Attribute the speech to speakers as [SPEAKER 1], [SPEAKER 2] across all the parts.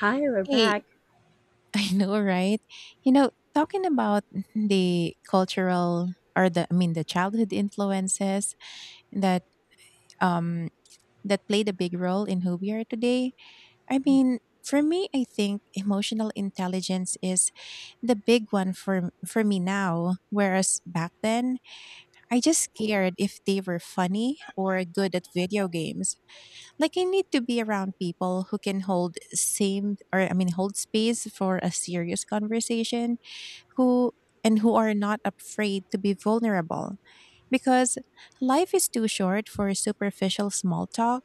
[SPEAKER 1] Hi, we're
[SPEAKER 2] Hey,
[SPEAKER 1] back.
[SPEAKER 2] I know, right? Talking about the cultural, or the, I mean, the childhood influences that um that played a big role in who we are today. I mean, for me, I think emotional intelligence is the big one for me now, whereas back then, I just cared if they were funny or good at video games. Like, I need to be around people who can hold same or I mean, hold space for a serious conversation, who and who are not afraid to be vulnerable, because life is too short for superficial small talk.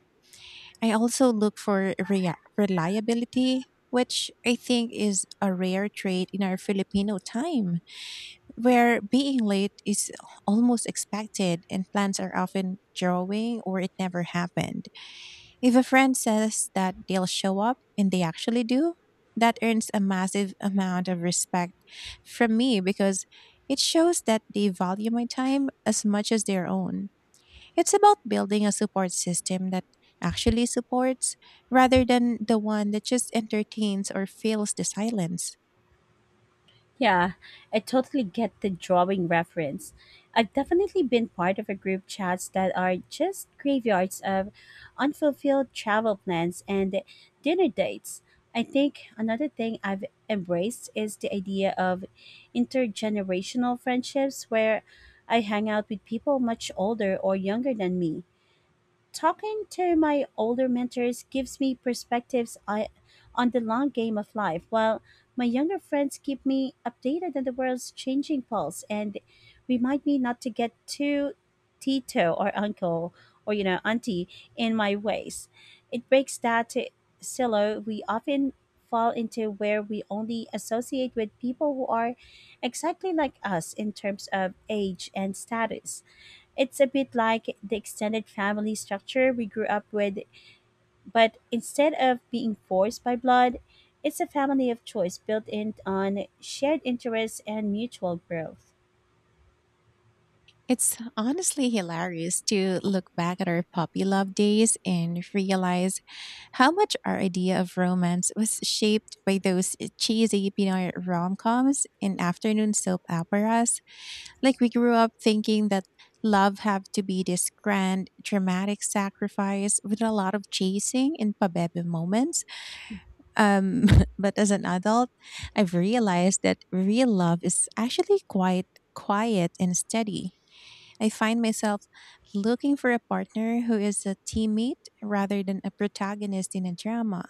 [SPEAKER 2] I also look for reliability, which I think is a rare trait in our Filipino time, where being late is almost expected and plans are often drawing or it never happened. If a friend says that they'll show up and they actually do, that earns a massive amount of respect from me, because it shows that they value my time as much as their own. It's about building a support system that actually supports, rather than the one that just entertains or fills the silence.
[SPEAKER 1] Yeah, I totally get the drawing reference. I've definitely been part of a group chats that are just graveyards of unfulfilled travel plans and dinner dates. I think another thing I've embraced is the idea of intergenerational friendships, where I hang out with people much older or younger than me. Talking to my older mentors gives me perspectives on the long game of life, while my younger friends keep me updated on the world's changing pulse and remind me not to get too Tito or uncle, or auntie, in my ways. It breaks that silo we often fall into, where we only associate with people who are exactly like us in terms of age and status. It's a bit like the extended family structure we grew up with, but instead of being forced by blood, it's a family of choice built in on shared interests and mutual growth.
[SPEAKER 2] It's honestly hilarious to look back at our puppy love days and realize how much our idea of romance was shaped by those cheesy Pinoy rom-coms and afternoon soap operas. Like, we grew up thinking that love had to be this grand, dramatic sacrifice with a lot of chasing and pabebe moments. Um, but as an adult, I've realized that real love is actually quite quiet and steady. I find myself looking for a partner who is a teammate rather than a protagonist in a drama.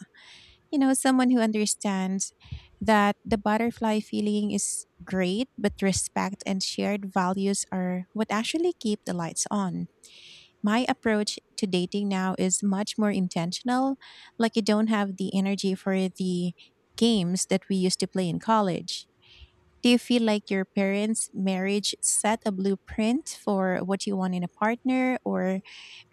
[SPEAKER 2] You know, someone who understands that the butterfly feeling is great, but respect and shared values are what actually keep the lights on. My approach to dating now is much more intentional. Like, I don't have the energy for the games that we used to play in college. Do you feel like your parents' marriage set a blueprint for what you want in a partner, or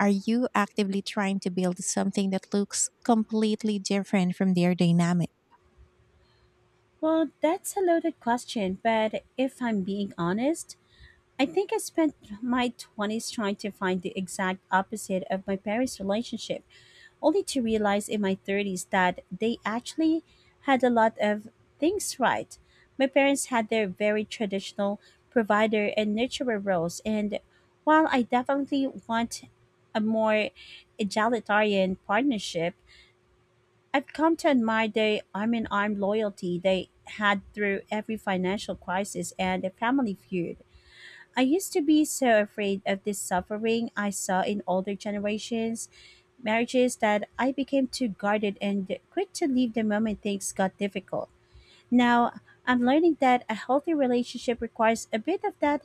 [SPEAKER 2] are you actively trying to build something that looks completely different from their dynamic?
[SPEAKER 1] Well, that's a loaded question, but if I'm being honest, I think I spent my 20s trying to find the exact opposite of my parents' relationship, only to realize in my 30s that they actually had a lot of things right. My parents had their very traditional provider and nurturer roles, and while I definitely want a more egalitarian partnership, I've come to admire the arm in arm loyalty they had through every financial crisis and a family feud. I used to be so afraid of this suffering I saw in older generations, marriages that I became too guarded and quick to leave the moment things got difficult. Now, I'm learning that a healthy relationship requires a bit of that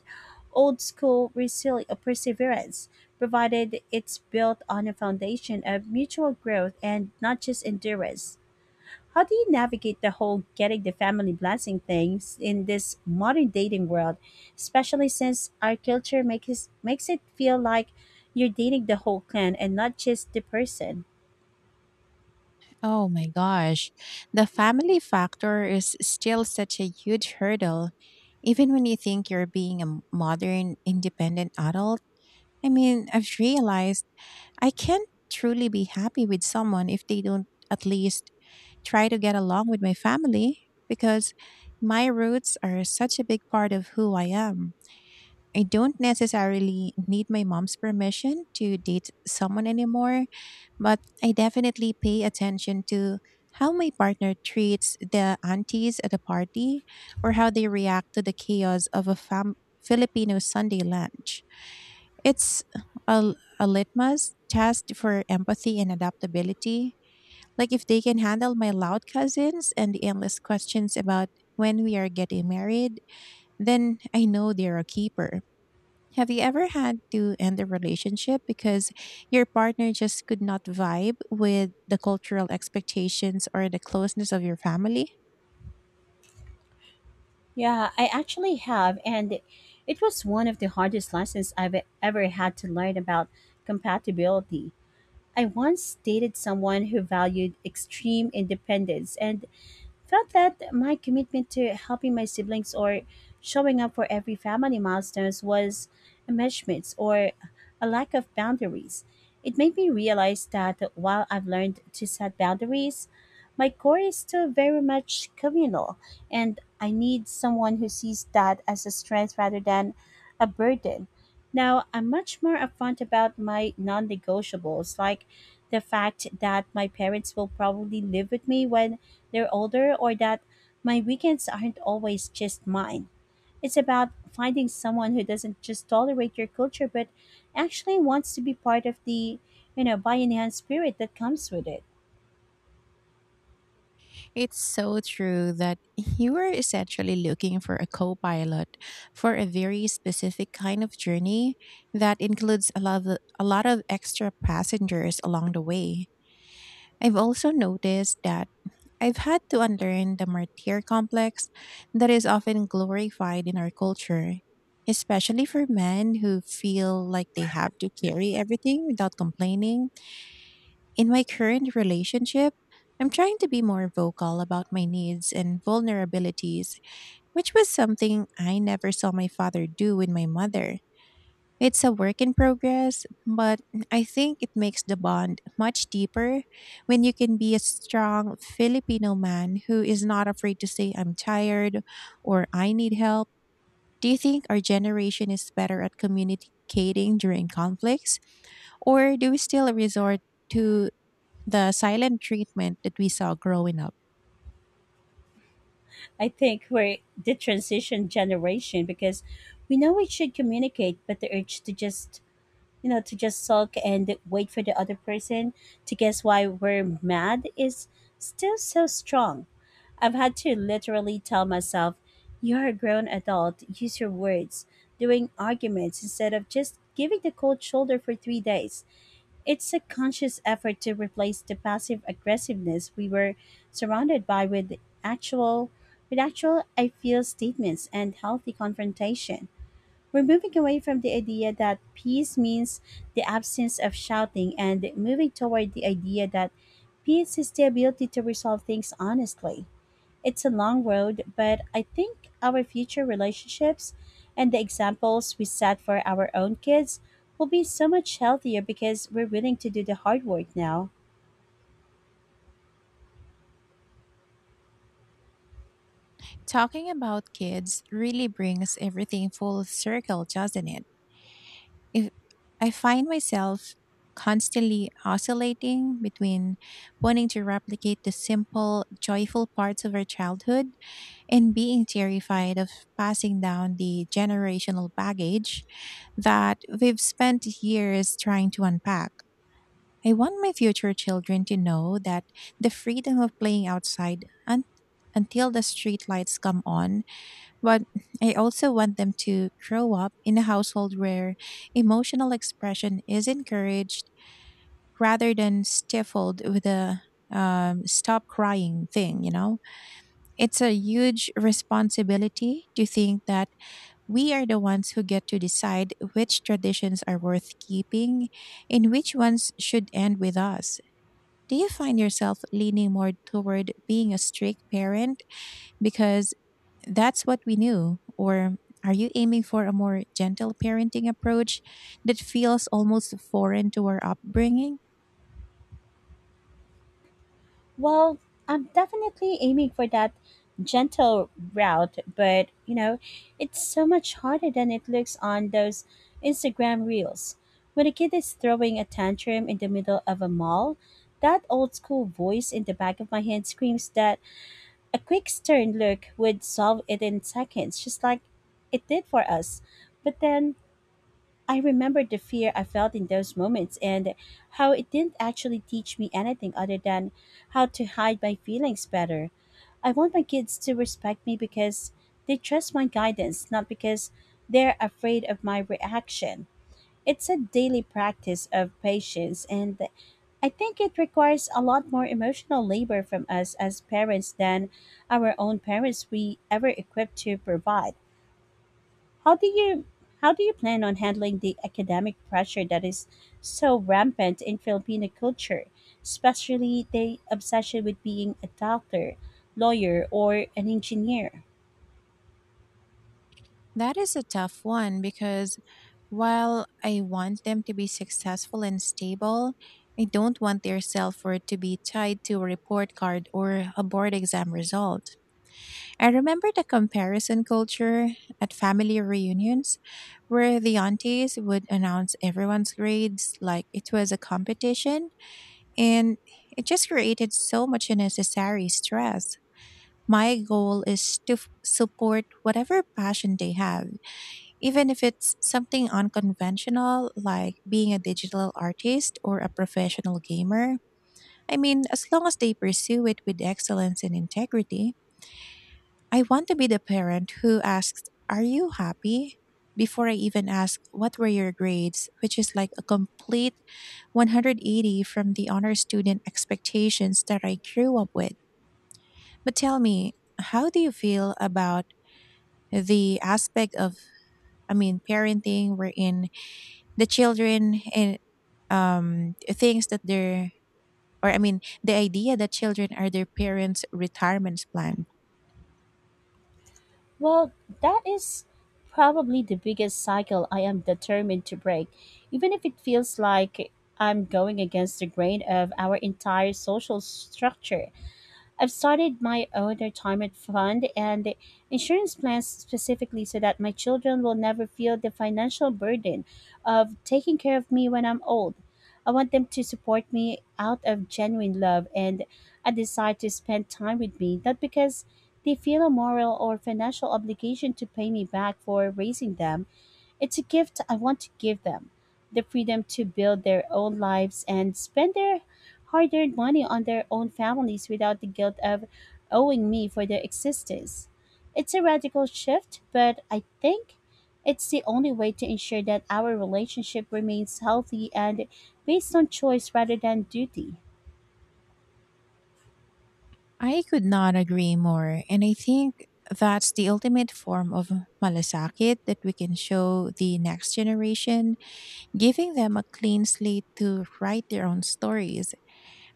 [SPEAKER 1] old school perseverance, provided it's built on a foundation of mutual growth and not just endurance. How do you navigate the whole getting the family blessing things in this modern dating world, especially since our culture makes it feel like you're dating the whole clan and not just the person?
[SPEAKER 2] Oh my gosh. The family factor is still such a huge hurdle, even when you think you're being a modern, independent adult. I mean, I've realized I can't truly be happy with someone if they don't at least try to get along with my family, because my roots are such a big part of who I am. I don't necessarily need my mom's permission to date someone anymore, but I definitely pay attention to how my partner treats the aunties at a party, or how they react to the chaos of a Filipino Sunday lunch. It's a litmus test for empathy and adaptability. Like, if they can handle my loud cousins and the endless questions about when we are getting married, then I know they're a keeper. Have you ever had to end a relationship because your partner just could not vibe with the cultural expectations or the closeness of your family?
[SPEAKER 1] Yeah, I actually have, and it was one of the hardest lessons I've ever had to learn about compatibility. I once dated someone who valued extreme independence and felt that my commitment to helping my siblings or showing up for every family milestones was enmeshment or a lack of boundaries. It made me realize that while I've learned to set boundaries, my core is still very much communal, and I need someone who sees that as a strength rather than a burden. Now, I'm much more upfront about my non negotiables, like the fact that my parents will probably live with me when they're older, or that my weekends aren't always just mine. It's about finding someone who doesn't just tolerate your culture but actually wants to be part of the Bayanihan spirit that comes with it.
[SPEAKER 2] It's so true that you are essentially looking for a co pilot for a very specific kind of journey that includes a lot of extra passengers along the way. I've also noticed that I've had to unlearn the martyr complex that is often glorified in our culture, especially for men who feel like they have to carry everything without complaining. In my current relationship, I'm trying to be more vocal about my needs and vulnerabilities, which was something I never saw my father do with my mother. It's a work in progress, but I think it makes the bond much deeper when you can be a strong Filipino man who is not afraid to say, "I'm tired," or, "I need help." Do you think our generation is better at communicating during conflicts, or do we still resort to the silent treatment that we saw growing up?
[SPEAKER 1] I think we're the transition generation, because we know we should communicate, but the urge to just sulk and wait for the other person to guess why we're mad is still so strong. I've had to literally tell myself, "You're a grown adult, use your words," during arguments, instead of just giving the cold shoulder for 3 days. It's a conscious effort to replace the passive aggressiveness we were surrounded by with actual actual "I feel" statements and healthy confrontation. We're moving away from the idea that peace means the absence of shouting, and moving toward the idea that peace is the ability to resolve things honestly. It's a long road, but I think our future relationships, and the examples we set for our own kids, will be so much healthier because we're willing to do the hard work now.
[SPEAKER 2] Talking about kids really brings everything full circle, doesn't it? If I find myself constantly oscillating between wanting to replicate the simple, joyful parts of our childhood, and being terrified of passing down the generational baggage that we've spent years trying to unpack. I want my future children to know that the freedom of playing outside until the street lights come on, but I also want them to grow up in a household where emotional expression is encouraged rather than stifled with a stop crying thing, you know? It's a huge responsibility to think that we are the ones who get to decide which traditions are worth keeping and which ones should end with us. Do you find yourself leaning more toward being a strict parent because that's what we knew? Or are you aiming for a more gentle parenting approach that feels almost foreign to our upbringing?
[SPEAKER 1] Well, I'm definitely aiming for that gentle route, but it's so much harder than it looks on those Instagram reels. When a kid is throwing a tantrum in the middle of a mall, that old school voice in the back of my head screams that a quick stern look would solve it in seconds, just like it did for us. But then I remember the fear I felt in those moments, and how it didn't actually teach me anything other than how to hide my feelings better. I want my kids to respect me because they trust my guidance, not because they're afraid of my reaction. It's a daily practice of patience, and I think it requires a lot more emotional labor from us as parents than our own parents we ever equipped to provide. How do you how do you plan on handling the academic pressure that is so rampant in Filipino culture, especially the obsession with being a doctor, lawyer, or an engineer?
[SPEAKER 2] That is a tough one, because while I want them to be successful and stable, I don't want their self worth to be tied to a report card or a board exam result. I remember the comparison culture at family reunions, where the aunties would announce everyone's grades like it was a competition, and it just created so much unnecessary stress. My goal is to support whatever passion they have, even if it's something unconventional like being a digital artist or a professional gamer. I mean, as long as they pursue it with excellence and integrity. I want to be the parent who asks, "Are you happy?" before I even ask, "What were your grades?" which is like a complete 180 from the honor student expectations that I grew up with. But tell me, how do you feel about the aspect of, I mean, parenting wherein the children and, things that they're, or, I mean, the idea that children are their parents' retirement plan?
[SPEAKER 1] Well, that is probably the biggest cycle I am determined to break, even if it feels like I'm going against the grain of our entire social structure. I've started my own retirement fund and insurance plans, specifically so that my children will never feel the financial burden of taking care of me when I'm old. I want them to support me out of genuine love and a desire to spend time with me, not because they feel a moral or financial obligation to pay me back for raising them. It's a gift I want to give them: the freedom to build their own lives and spend their hard earned money on their own families without the guilt of owing me for their existence. It's a radical shift, but I think it's the only way to ensure that our relationship remains healthy and based on choice rather than duty.
[SPEAKER 2] I could not agree more. And I think that's the ultimate form of malasakit that we can show the next generation, giving them a clean slate to write their own stories.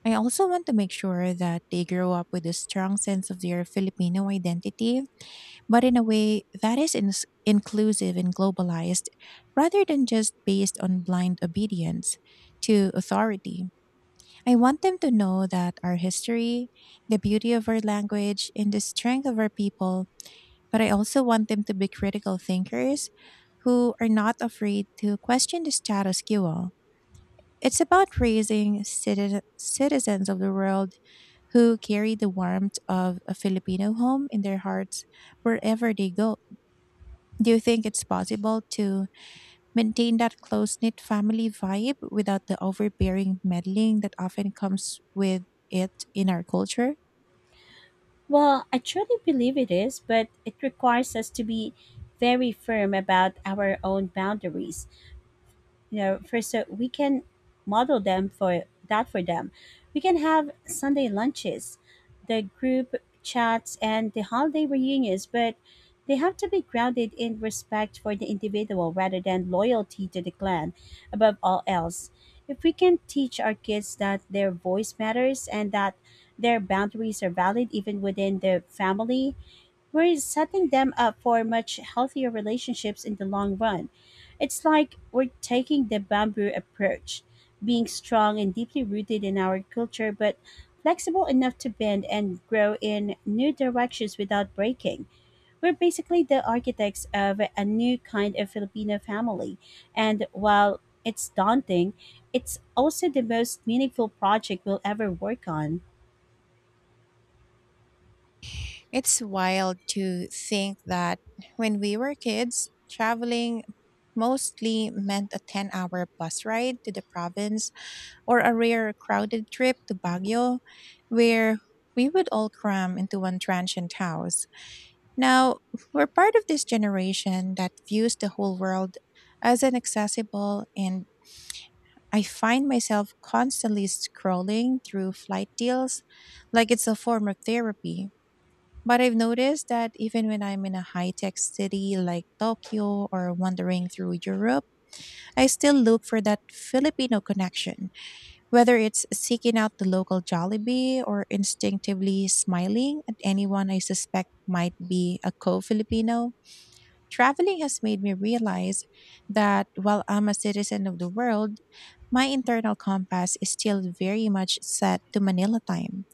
[SPEAKER 2] I also want to make sure that they grow up with a strong sense of their Filipino identity, but in a way that is ins inclusive and globalized, rather than just based on blind obedience to authority. I want them to know that our history, the beauty of our language, and the strength of our people, but I also want them to be critical thinkers who are not afraid to question the status quo. It's about raising citizens of the world who carry the warmth of a Filipino home in their hearts wherever they go. Do you think it's possible to maintain that close knit family vibe without the overbearing meddling that often comes with it in our culture?
[SPEAKER 1] Well, I truly believe it is, but it requires us to be very firm about our own boundaries, first, so we can model them for them. We can have Sunday lunches, the group chats, and the holiday reunions, but they have to be grounded in respect for the individual rather than loyalty to the clan above all else. If we can teach our kids that their voice matters, and that their boundaries are valid even within the family, we're setting them up for much healthier relationships in the long run. It's like we're taking the bamboo approach: being strong and deeply rooted in our culture, but flexible enough to bend and grow in new directions without breaking. We're basically the architects of a new kind of Filipino family. And while it's daunting, it's also the most meaningful project we'll ever work on.
[SPEAKER 2] It's wild to think that when we were kids, traveling mostly meant a 10-hour hour bus ride to the province, or a rare crowded trip to Baguio, where we would all cram into one transient house. Now, we're part of this generation that views the whole world as an accessible, and I find myself constantly scrolling through flight deals like it's a form of therapy. But I've noticed that even when I'm in a high tech city like Tokyo, or wandering through Europe, I still look for that Filipino connection, whether it's seeking out the local Jollibee or instinctively smiling at anyone I suspect might be a co Filipino. Traveling has made me realize that while I'm a citizen of the world, my internal compass is still very much set to Manila time.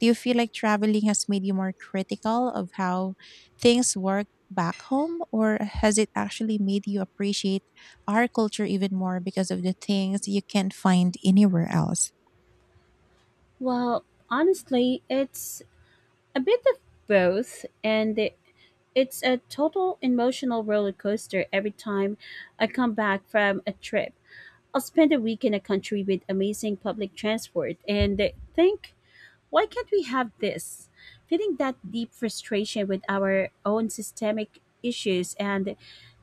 [SPEAKER 2] Do you feel like traveling has made you more critical of how things work back home, or has it actually made you appreciate our culture even more because of the things you can't find anywhere else?
[SPEAKER 1] Well, honestly, it's a bit of both, and it's a total emotional roller coaster every time I come back from a trip. I'll spend a week in a country with amazing public transport and think, "Why can't we have this?" Feeling that deep frustration with our own systemic issues and,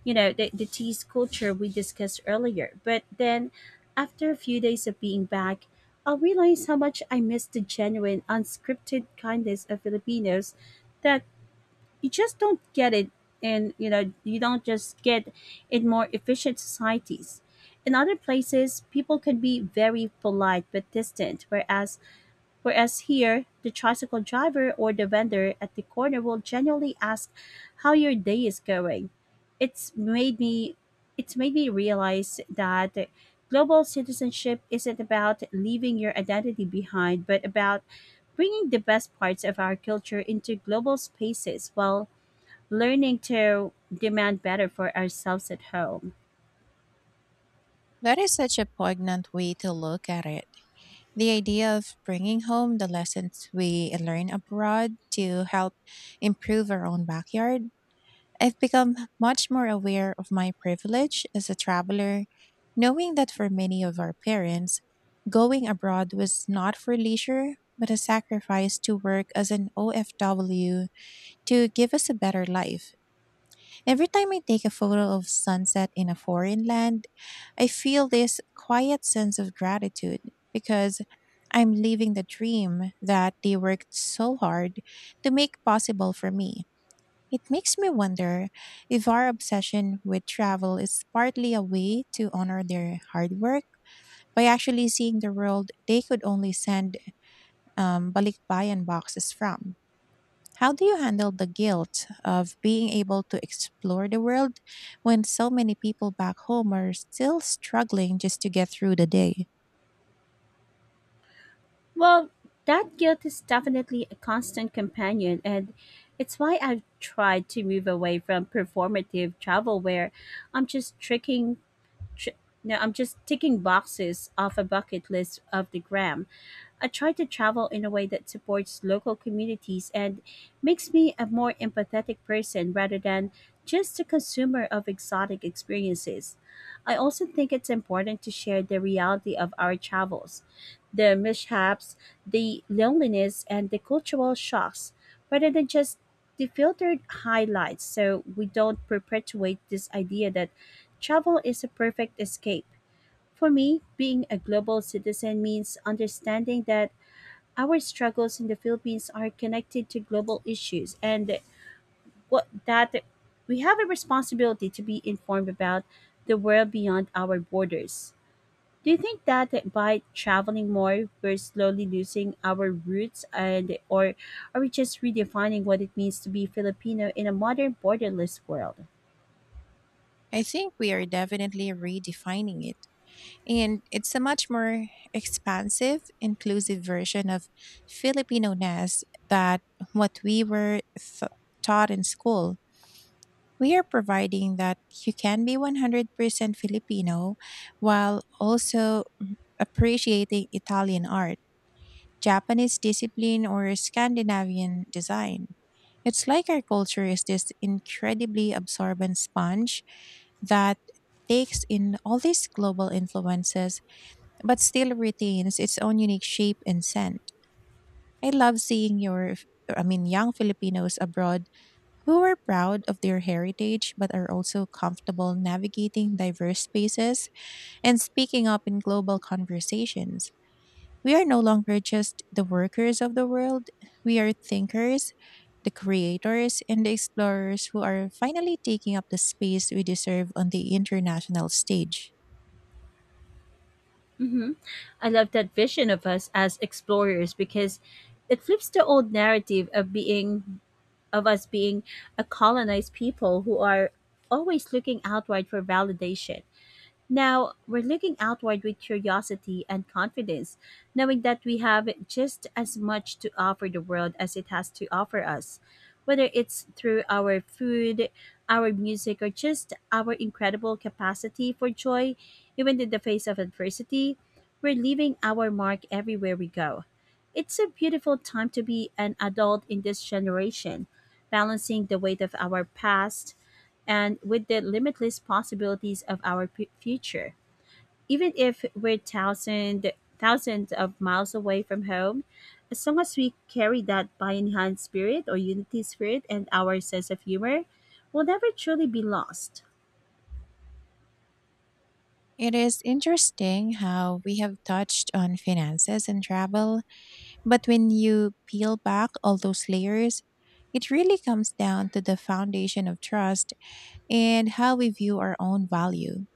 [SPEAKER 1] you know, the, the tease culture we discussed earlier. But then, after a few days of being back, I'll realize how much I miss the genuine, unscripted kindness of Filipinos that you just don't get it you don't just get in more efficient societies. In other places, people can be very polite but distant, whereas here, the tricycle driver or the vendor at the corner will genuinely ask how your day is going. It's made me it's made me realize that global citizenship isn't about leaving your identity behind, but about bringing the best parts of our culture into global spaces while learning to demand better for ourselves at home.
[SPEAKER 2] That is such a poignant way to look at it. The idea of bringing home the lessons we learn abroad to help improve our own backyard, I've become much more aware of my privilege as a traveler, knowing that for many of our parents, going abroad was not for leisure, but a sacrifice to work as an OFW to give us a better life. Every time I take a photo of sunset in a foreign land, I feel this quiet sense of gratitude, because I'm living the dream that they worked so hard to make possible for me. It makes me wonder if our obsession with travel is partly a way to honor their hard work by actually seeing the world they could only send balikbayan boxes from. How do you handle the guilt of being able to explore the world when so many people back home are still struggling just to get through the day?
[SPEAKER 1] Well, that guilt is definitely a constant companion, and it's why I've tried to move away from performative travel, where I'm just tricking. Tr- no, I'm just ticking boxes off a bucket list of the gram. I try to travel in a way that supports local communities and makes me a more empathetic person, rather than just a consumer of exotic experiences. I also think it's important to share the reality of our travels, the mishaps, the loneliness, and the cultural shocks, rather than just the filtered highlights, so we don't perpetuate this idea that travel is a perfect escape. For me, being a global citizen means understanding that our struggles in the Philippines are connected to global issues, and what that we have a responsibility to be informed about the world beyond our borders. Do you think that by traveling more, we're slowly losing our roots, and or are we just redefining what it means to be Filipino in a modern borderless world?
[SPEAKER 2] I think we are definitely redefining it. And it's a much more expansive, inclusive version of Filipino ness that what we were taught in school. We are providing that you can be 100% Filipino while also appreciating Italian art, Japanese discipline, or Scandinavian design. It's like our culture is this incredibly absorbent sponge that takes in all these global influences but still retains its own unique shape and scent. I love seeing your I mean, young Filipinos abroad who are proud of their heritage but are also comfortable navigating diverse spaces and speaking up in global conversations. We are no longer just the workers of the world, we are thinkers, the creators, and the explorers who are finally taking up the space we deserve on the international stage.
[SPEAKER 1] hmm I love that vision of us as explorers, because it flips the old narrative of us being a colonized people who are always looking outward for validation. Now, we're looking outward with curiosity and confidence, knowing that we have just as much to offer the world as it has to offer us, whether it's through our food, our music, or just our incredible capacity for joy, even in the face of adversity. We're leaving our mark everywhere we go. It's a beautiful time to be an adult in this generation, balancing the weight of our past and with the limitless possibilities of our future. Even if we're thousands of miles away from home, as long as we carry that Bayan hand spirit or unity spirit and our sense of humor, we'll never truly be lost.
[SPEAKER 2] It is interesting how we have touched on finances and travel, but when you peel back all those layers, it really comes down to the foundation of trust and how we view our own value.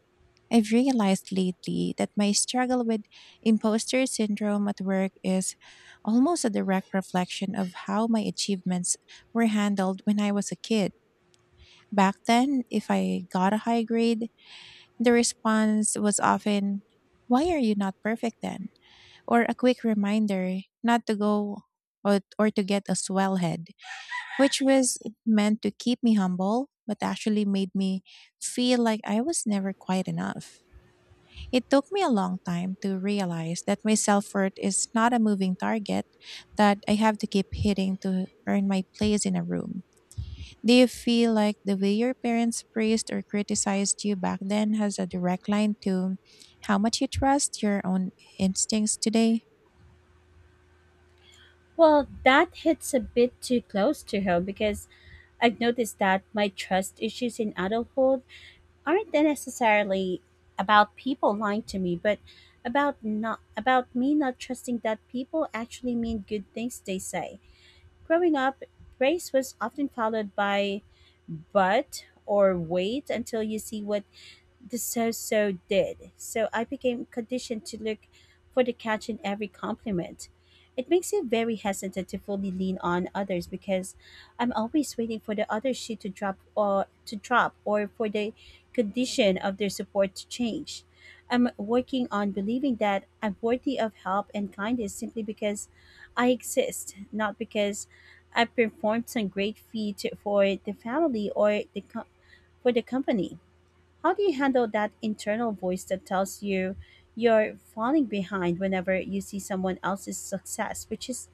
[SPEAKER 2] I've realized lately that my struggle with imposter syndrome at work is almost a direct reflection of how my achievements were handled when I was a kid. Back then, if I got a high grade, the response was often, "Why are you not perfect then?" or a quick reminder not to go or to get a swell head, which was meant to keep me humble but actually made me feel like I was never quite enough. It took me a long time to realize that my self worth is not a moving target that I have to keep hitting to earn my place in a room. Do you feel like the way your parents praised or criticized you back then has a direct line to how much you trust your own instincts today?
[SPEAKER 1] Well, that hits a bit too close to home because I've noticed that my trust issues in adulthood aren't they necessarily about people lying to me, but about me not trusting that people actually mean good things they say. Growing up, praise was often followed by but or wait until you see what the so-so did, so I became conditioned to look for the catch in every compliment. It makes you very hesitant to fully lean on others because I'm always waiting for the other shoe to drop or for the condition of their support to change. I'm working on believing that I'm worthy of help and kindness simply because I exist, not because I performed some great feat for the family or for the company. How do you handle that internal voice that tells you're falling behind whenever you see someone else's success, which is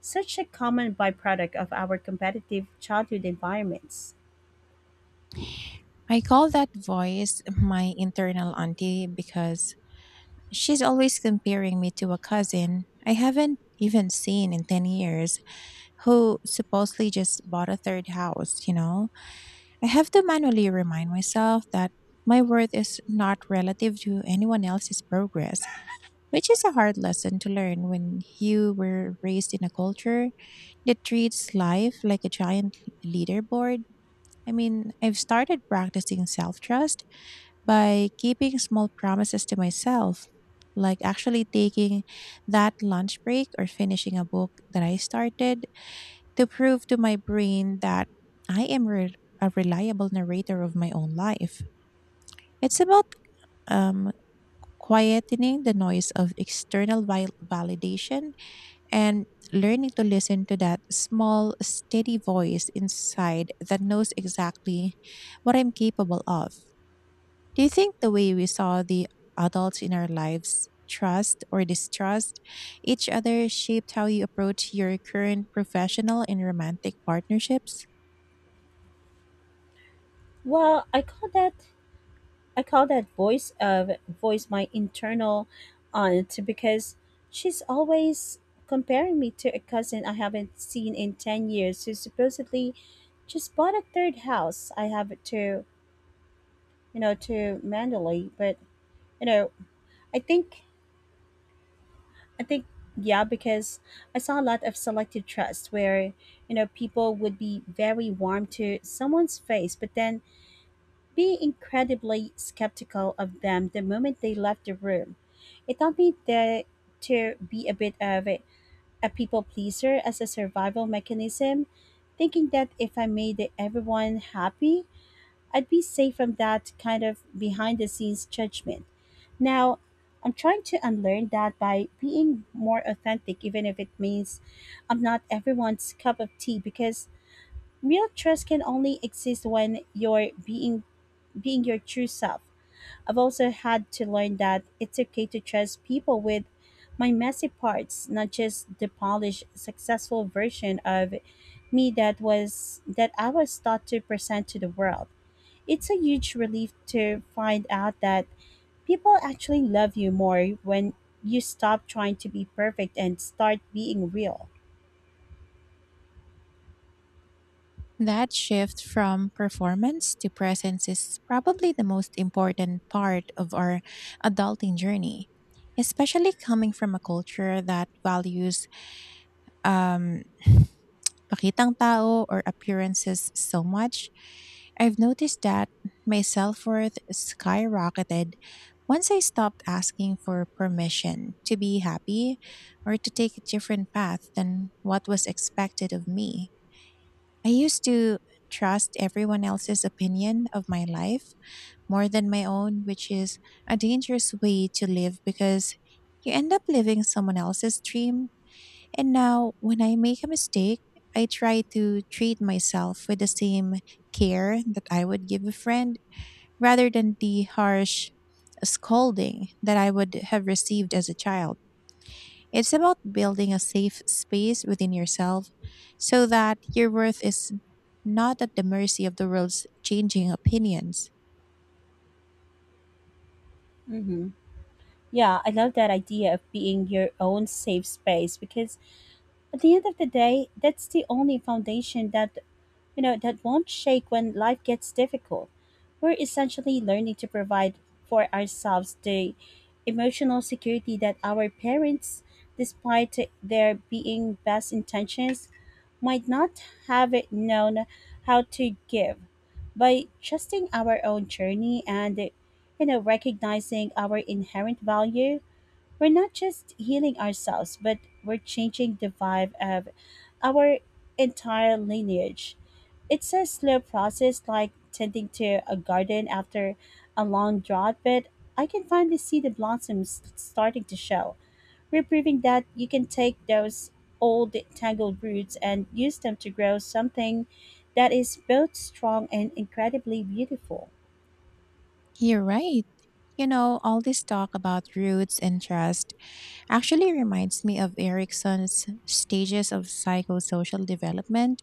[SPEAKER 1] such a common byproduct of our competitive childhood environments?
[SPEAKER 2] I call that voice my internal auntie because she's always comparing me to a cousin I haven't even seen in 10 years who supposedly just bought a third house, you know? I have to manually remind myself that my worth is not relative to anyone else's progress, which is a hard lesson to learn when you were raised in a culture that treats life like a giant leaderboard. I mean, I've started practicing self trust by keeping small promises to myself, like actually taking that lunch break or finishing a book that I started to prove to my brain that I am a reliable narrator of my own life. It's about um, quietening the noise of external validation and learning to listen to that small, steady voice inside that knows exactly what I'm capable of. Do you think the way we saw the adults in our lives trust or distrust each other shaped how you approach your current professional and romantic partnerships?
[SPEAKER 1] Well, I call that voice my internal aunt because she's always comparing me to a cousin I haven't seen in 10 years who supposedly just bought a third house. I have to, to Mandalay, but you know, I think I think, yeah, because I saw a lot of selective trust where people would be very warm to someone's face but then be incredibly skeptical of them the moment they left the room. It taught me that to be a bit of a people pleaser as a survival mechanism, thinking that if I made everyone happy, I'd be safe from that kind of behind the scenes judgment. Now, I'm trying to unlearn that by being more authentic, even if it means I'm not everyone's cup of tea, because real trust can only exist when you're being your true self. I've also had to learn that it's okay to trust people with my messy parts, not just the polished, successful version of me that I was taught to present to the world. It's a huge relief to find out that people actually love you more when you stop trying to be perfect and start being real.
[SPEAKER 2] That shift from performance to presence is probably the most important part of our adulting journey, especially coming from a culture that values um, pakitang tao, or appearances, so much. I've noticed that my self worth skyrocketed once I stopped asking for permission to be happy or to take a different path than what was expected of me. I used to trust everyone else's opinion of my life more than my own, which is a dangerous way to live because you end up living someone else's dream. And now, when I make a mistake, I try to treat myself with the same care that I would give a friend rather than the harsh scolding that I would have received as a child. It's about building a safe space within yourself so that your worth is not at the mercy of the world's changing opinions.
[SPEAKER 1] Hmm. Yeah, I love that idea of being your own safe space because at the end of the day, that's the only foundation that won't shake when life gets difficult. We're essentially learning to provide for ourselves the emotional security that our parents, despite their being best intentions, might not have known how to give. By trusting our own journey and recognizing our inherent value, we're not just healing ourselves, but we're changing the vibe of our entire lineage. It's a slow process like tending to a garden after a long drought, but I can finally see the blossoms starting to show. We're proving that you can take those old tangled roots and use them to grow something that is both strong and incredibly beautiful.
[SPEAKER 2] You're right. You know, all this talk about roots and trust actually reminds me of Erickson's stages of psychosocial development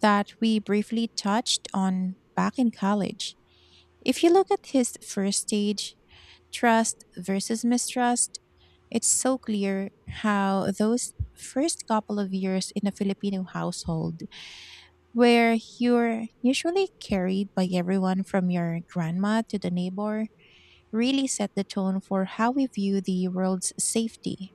[SPEAKER 2] that we briefly touched on back in college. If you look at his first stage, trust versus mistrust, it's so clear how those first couple of years in a Filipino household, where you're usually carried by everyone from your grandma to the neighbor, really set the tone for how we view the world's safety.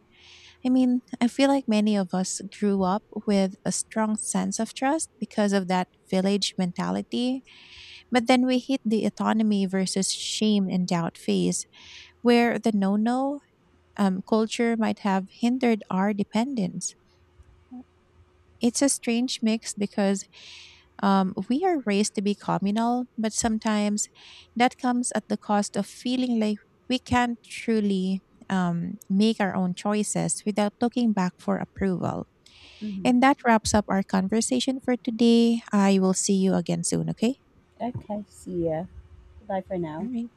[SPEAKER 2] I mean, I feel like many of us grew up with a strong sense of trust because of that village mentality, but then we hit the autonomy versus shame and doubt phase, where the no no culture might have hindered our dependence. It's a strange mix because we are raised to be communal, but sometimes that comes at the cost of feeling like we can't truly make our own choices without looking back for approval.
[SPEAKER 1] Hmm.
[SPEAKER 2] And that wraps up our conversation for today. I will see you again soon, okay?
[SPEAKER 1] Okay, see ya. Bye for
[SPEAKER 2] All
[SPEAKER 1] now.
[SPEAKER 2] right.